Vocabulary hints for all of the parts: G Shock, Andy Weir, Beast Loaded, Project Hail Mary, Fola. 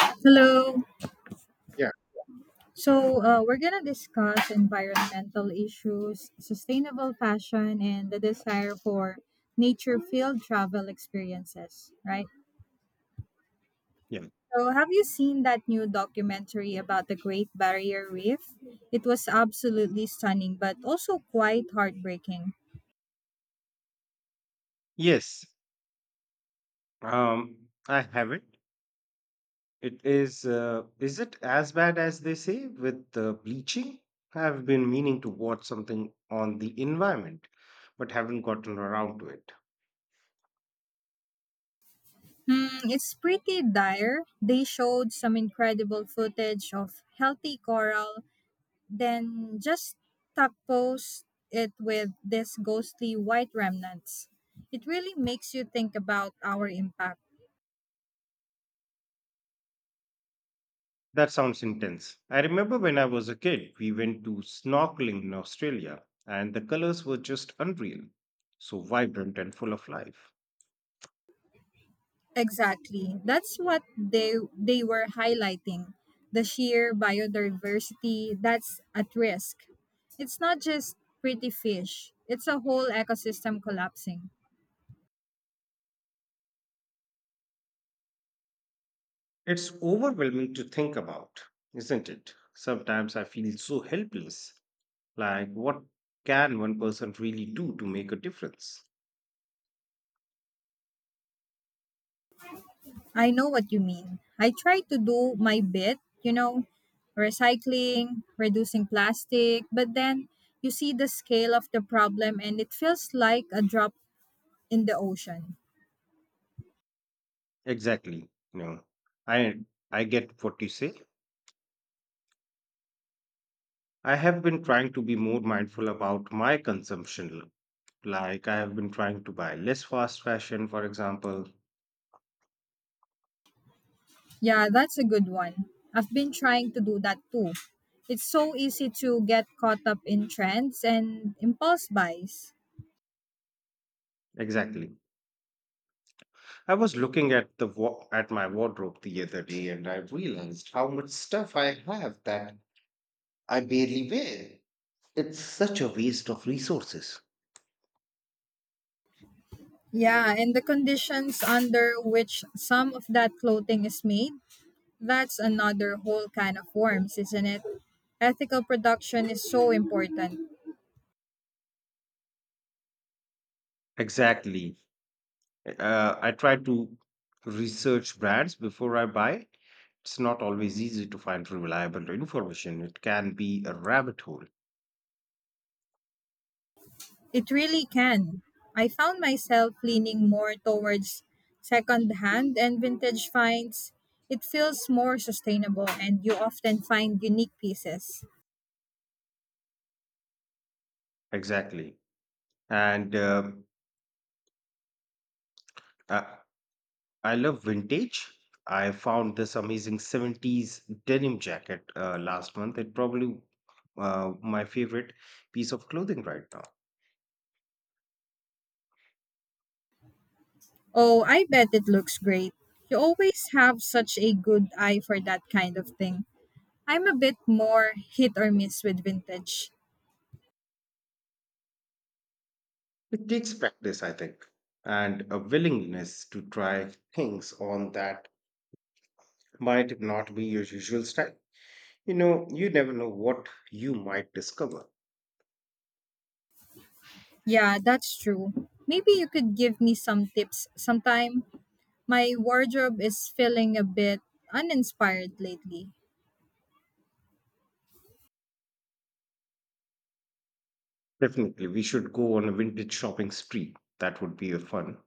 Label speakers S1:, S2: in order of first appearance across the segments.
S1: Hello.
S2: Yeah.
S1: So, we're going to discuss environmental issues, sustainable fashion, and the desire for nature field travel experiences, right?
S2: Yeah.
S1: So, have you seen that new documentary about the Great Barrier Reef? It was absolutely stunning, but also quite heartbreaking.
S2: Yes. I have it. It is. Is it as bad as they say with bleaching? I've been meaning to watch something on the environment, but haven't gotten around to it.
S1: Hmm, it's pretty dire. They showed some incredible footage of healthy coral then just topcoat it with these ghostly white remnants. It really makes you think about our impact.
S2: That sounds intense. I remember when I was a kid, we went to snorkeling in Australia, and the colors were just unreal, so vibrant and full of life.
S1: Exactly. That's what they were highlighting. The sheer biodiversity that's at risk. It's not just pretty fish. It's a whole ecosystem collapsing.
S2: It's overwhelming to think about, isn't it? Sometimes I feel so helpless. Like, what can one person really do to make a difference?
S1: I know what you mean. I try to do my bit, you know, recycling, reducing plastic, but then you see the scale of the problem and it feels like a drop in the ocean.
S2: Exactly. You know, I I get what you say. I have been trying to be more mindful about my consumption. Like, I have been trying to buy less fast fashion, for example.
S1: Yeah, that's a good one. I've been trying to do that too. It's so easy to get caught up in trends and impulse buys.
S2: Exactly. I was looking at at my wardrobe the other day, and I realized how much stuff I have that I barely wear. It's such a waste of resources.
S1: Yeah, and the conditions under which some of that clothing is made. That's another whole can of worms, isn't it? Ethical production is so important.
S2: Exactly. I try to research brands before I buy. It's not always easy to find reliable information. It can be a rabbit hole.
S1: It really can. I found myself leaning more towards secondhand and vintage finds. It feels more sustainable and you often find unique pieces.
S2: Exactly. And I, I love vintage. I found this amazing 70s denim jacket last month. It probably my favorite piece of clothing right now.
S1: Oh, I bet it looks great. You always have such a good eye for that kind of thing. I'm a bit more hit or miss with vintage.
S2: It takes practice, I think, and a willingness to try things on that might not be your usual style. You know, you never know what you might discover.
S1: Yeah, that's true. Maybe you could give me some tips sometime. My wardrobe is feeling a bit uninspired lately.
S2: Definitely, we should go on a vintage shopping spree. That would be a fun.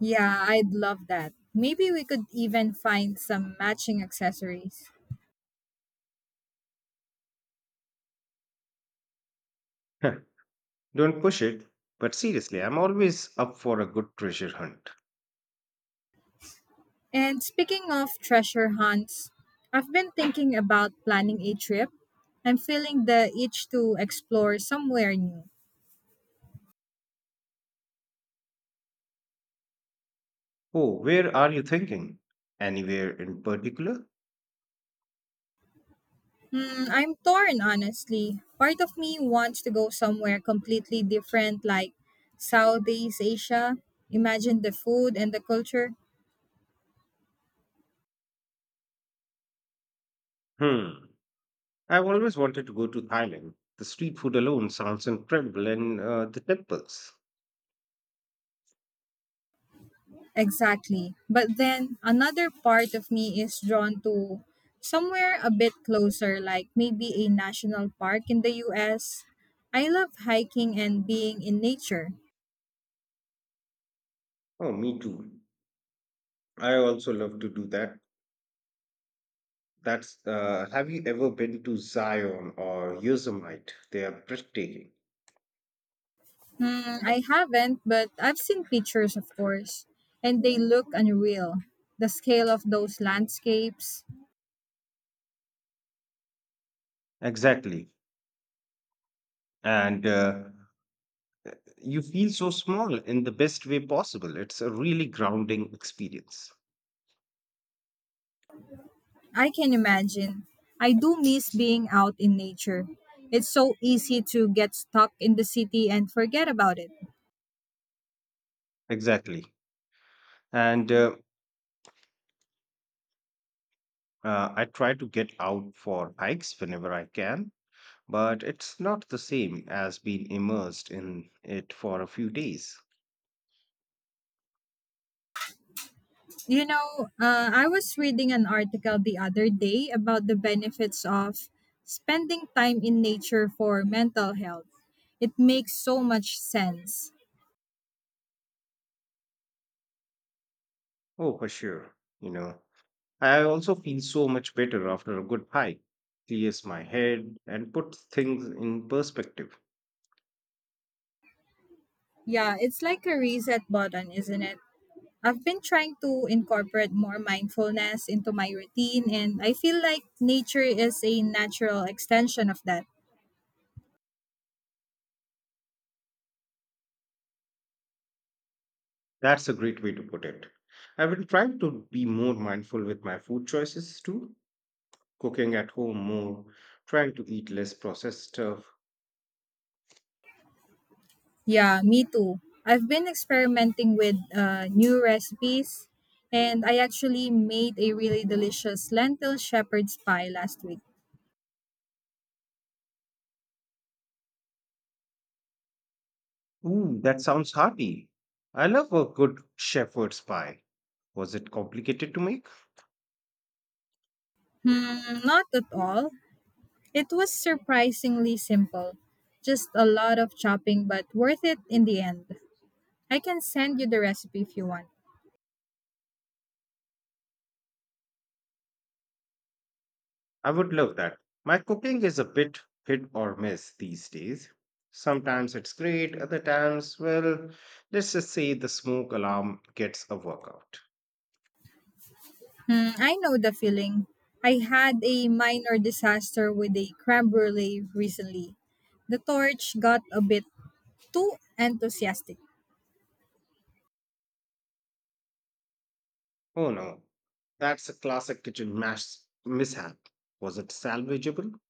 S1: Yeah, I'd love that. Maybe we could even find some matching accessories.
S2: Huh, don't push it, but seriously, I'm always up for a good treasure hunt.
S1: And speaking of treasure hunts, I've been thinking about planning a trip. I'm feeling the itch to explore somewhere new.
S2: Oh, where are you thinking? Anywhere in particular?
S1: Hmm, I'm torn, honestly. Part of me wants to go somewhere completely different, like Southeast Asia. Imagine the food and the culture.
S2: Hmm. I've always wanted to go to Thailand. The street food alone sounds incredible, and the temples.
S1: Exactly. But then another part of me is drawn to somewhere a bit closer, like maybe a national park in the US. I love hiking and being in nature.
S2: Oh, me too. I also love to do that. That's Have you ever been to Zion or Yosemite? They are breathtaking.
S1: Hmm, I haven't, but I've seen pictures, of course, and they look unreal. The scale of those landscapes.
S2: Exactly. And You feel so small in the best way possible. It's a really grounding experience.
S1: I can imagine. I do miss being out in nature. It's so easy to get stuck in the city and forget about it.
S2: Exactly. And I try to get out for hikes whenever I can, but it's not the same as being immersed in it for a few days.
S1: I was reading an article the other day about the benefits of spending time in nature for mental health. It makes so much sense.
S2: Oh, for sure. You know, I also feel so much better after a good hike. Clears my head and puts things in perspective.
S1: Yeah, it's like a reset button, isn't it? I've been trying to incorporate more mindfulness into my routine, and I feel like nature is a natural extension of that.
S2: That's a great way to put it. I've been trying to be more mindful with my food choices too, cooking at home more, trying to eat less processed stuff.
S1: Yeah, me too. I've been experimenting with new recipes, and I actually made a really delicious lentil shepherd's pie last week.
S2: Ooh, that sounds hearty. I love a good shepherd's pie. Was it complicated to make?
S1: Hmm, not at all. It was surprisingly simple. Just a lot of chopping, but worth it in the end. I can send you the recipe if you want.
S2: I would love that. My cooking is a bit hit or miss these days. Sometimes it's great, other times, well, let's just say the smoke alarm gets a workout.
S1: Hmm, I know the feeling. I had a minor disaster with a creme brulee recently. The torch got a bit too enthusiastic.
S2: Oh no, that's a classic kitchen mash mishap. Was it salvageable?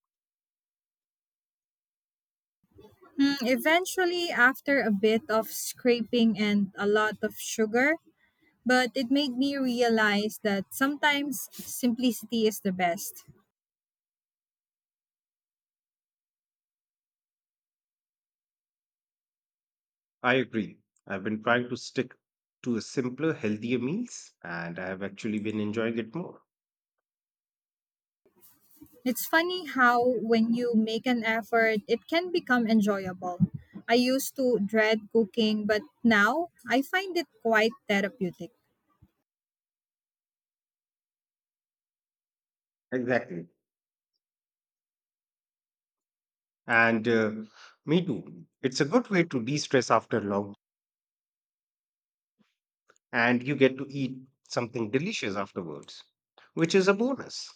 S1: Mm, eventually, after a bit of scraping and a lot of sugar, but it made me realize that sometimes simplicity is the best.
S2: I agree. I've been trying to stick to a simpler, healthier meals, and I have actually been enjoying it more.
S1: It's funny how, when you make an effort, it can become enjoyable. I used to dread cooking, but now I find it quite therapeutic.
S2: Exactly. And Me too. It's a good way to de stress after long, and you get to eat something delicious afterwards, which is a bonus.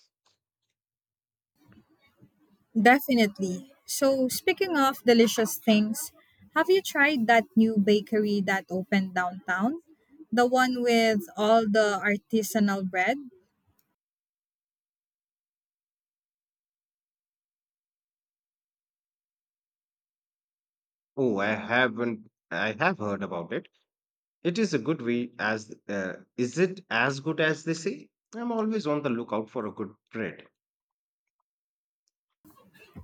S1: Definitely. So, speaking of delicious things, have you tried that new bakery that opened downtown? The one with all the artisanal bread?
S2: Oh, I haven't. I have heard about it. It is a good way as is it as good as they say? I'm always on the lookout for a good bread.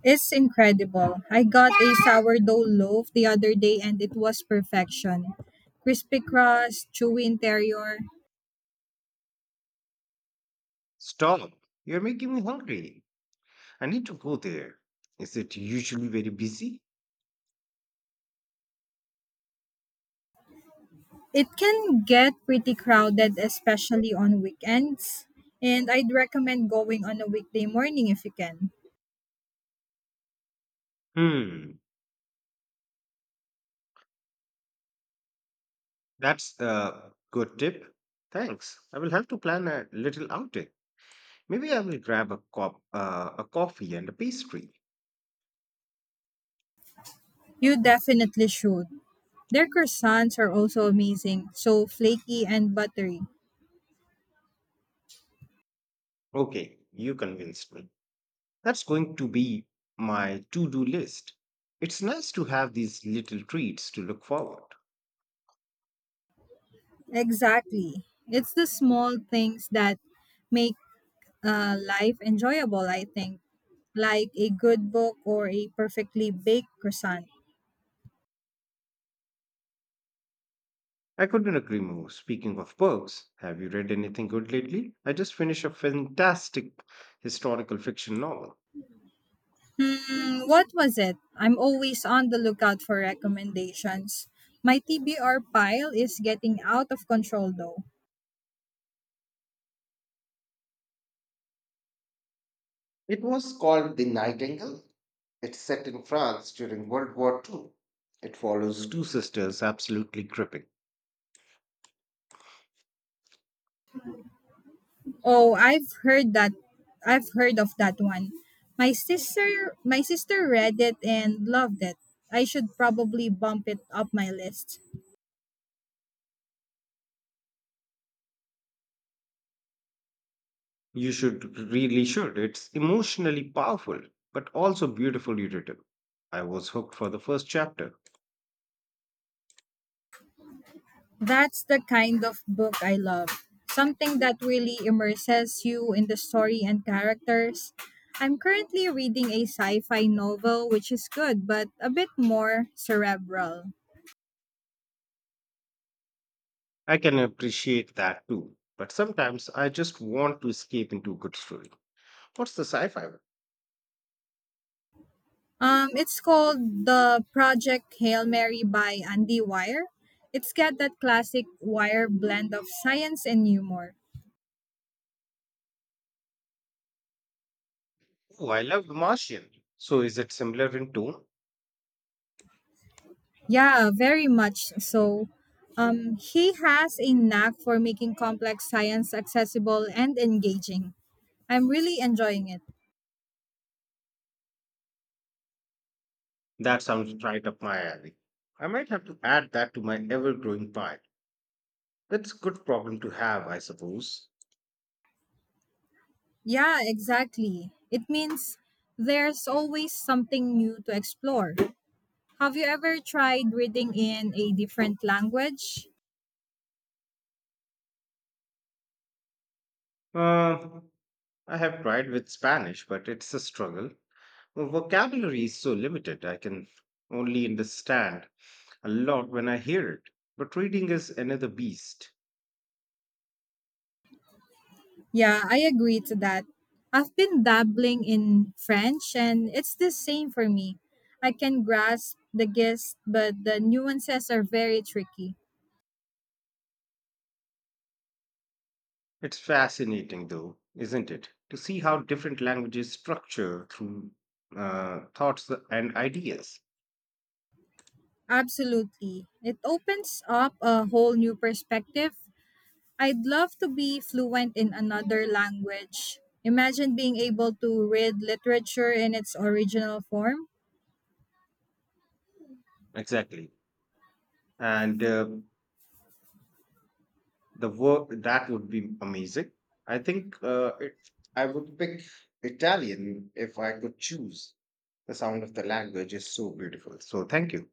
S1: It's incredible. I got a sourdough loaf the other day and it was perfection. Crispy crust, chewy interior.
S2: Stop. You're making me hungry. I need to go there. Is it usually very busy?
S1: It can get pretty crowded, especially on weekends. And I'd recommend going on a weekday morning if you can.
S2: Hmm. That's a good tip. Thanks. I will have to plan a little outing. Maybe I will grab a a coffee and a pastry.
S1: You definitely should. Their croissants are also amazing, so flaky and buttery.
S2: Okay, you convinced me. That's going to be my to-do list. It's nice to have these little treats to look forward.
S1: Exactly. It's the small things that make life enjoyable, I think, like a good book or a perfectly baked croissant.
S2: I couldn't agree more. Speaking of books, have you read anything good lately? I just finished a fantastic historical fiction novel.
S1: Hmm, what was it? I'm always on the lookout for recommendations. My TBR pile is getting out of control though.
S2: It was called The Nightingale. It's set in France during World War II. It follows two sisters absolutely gripping.
S1: Oh, I've heard that. I've heard of that one. My sister read it and loved it. I should probably bump it up my list.
S2: You should really should. It's emotionally powerful, but also beautifully written. I was hooked for the first chapter.
S1: That's the kind of book I love. Something that really immerses you in the story and characters. I'm currently reading a sci-fi novel which is good but a bit more cerebral.
S2: I can appreciate that too. But sometimes I just want to escape into a good story. What's the sci-fi one?
S1: It's called the Project Hail Mary by Andy Weir. It's got that classic Weir blend of science and humor.
S2: Oh, I love The Martian. So is it similar in tone?
S1: Yeah, very much so. He has a knack for making complex science accessible and engaging. I'm really enjoying it.
S2: That sounds right up my alley. I might have to add that to my ever-growing pile. That's a good problem to have, I suppose.
S1: Yeah, exactly. It means there's always something new to explore. Have you ever tried reading in a different language?
S2: Uh, I have tried with Spanish, but it's a struggle. My vocabulary is so limited, I can only understand a lot when I hear it. But reading is another beast.
S1: Yeah, I agree to that. I've been dabbling in French and it's the same for me. I can grasp the gist, but the nuances are very tricky.
S2: It's fascinating, though, isn't it, to see how different languages structure through thoughts and ideas.
S1: Absolutely. It opens up a whole new perspective. I'd love to be fluent in another language. Imagine being able to read literature in its original form.
S2: Exactly. And The work that would be amazing. I think uh, it, I would pick Italian if I could choose. The sound of the language is so beautiful. So thank you.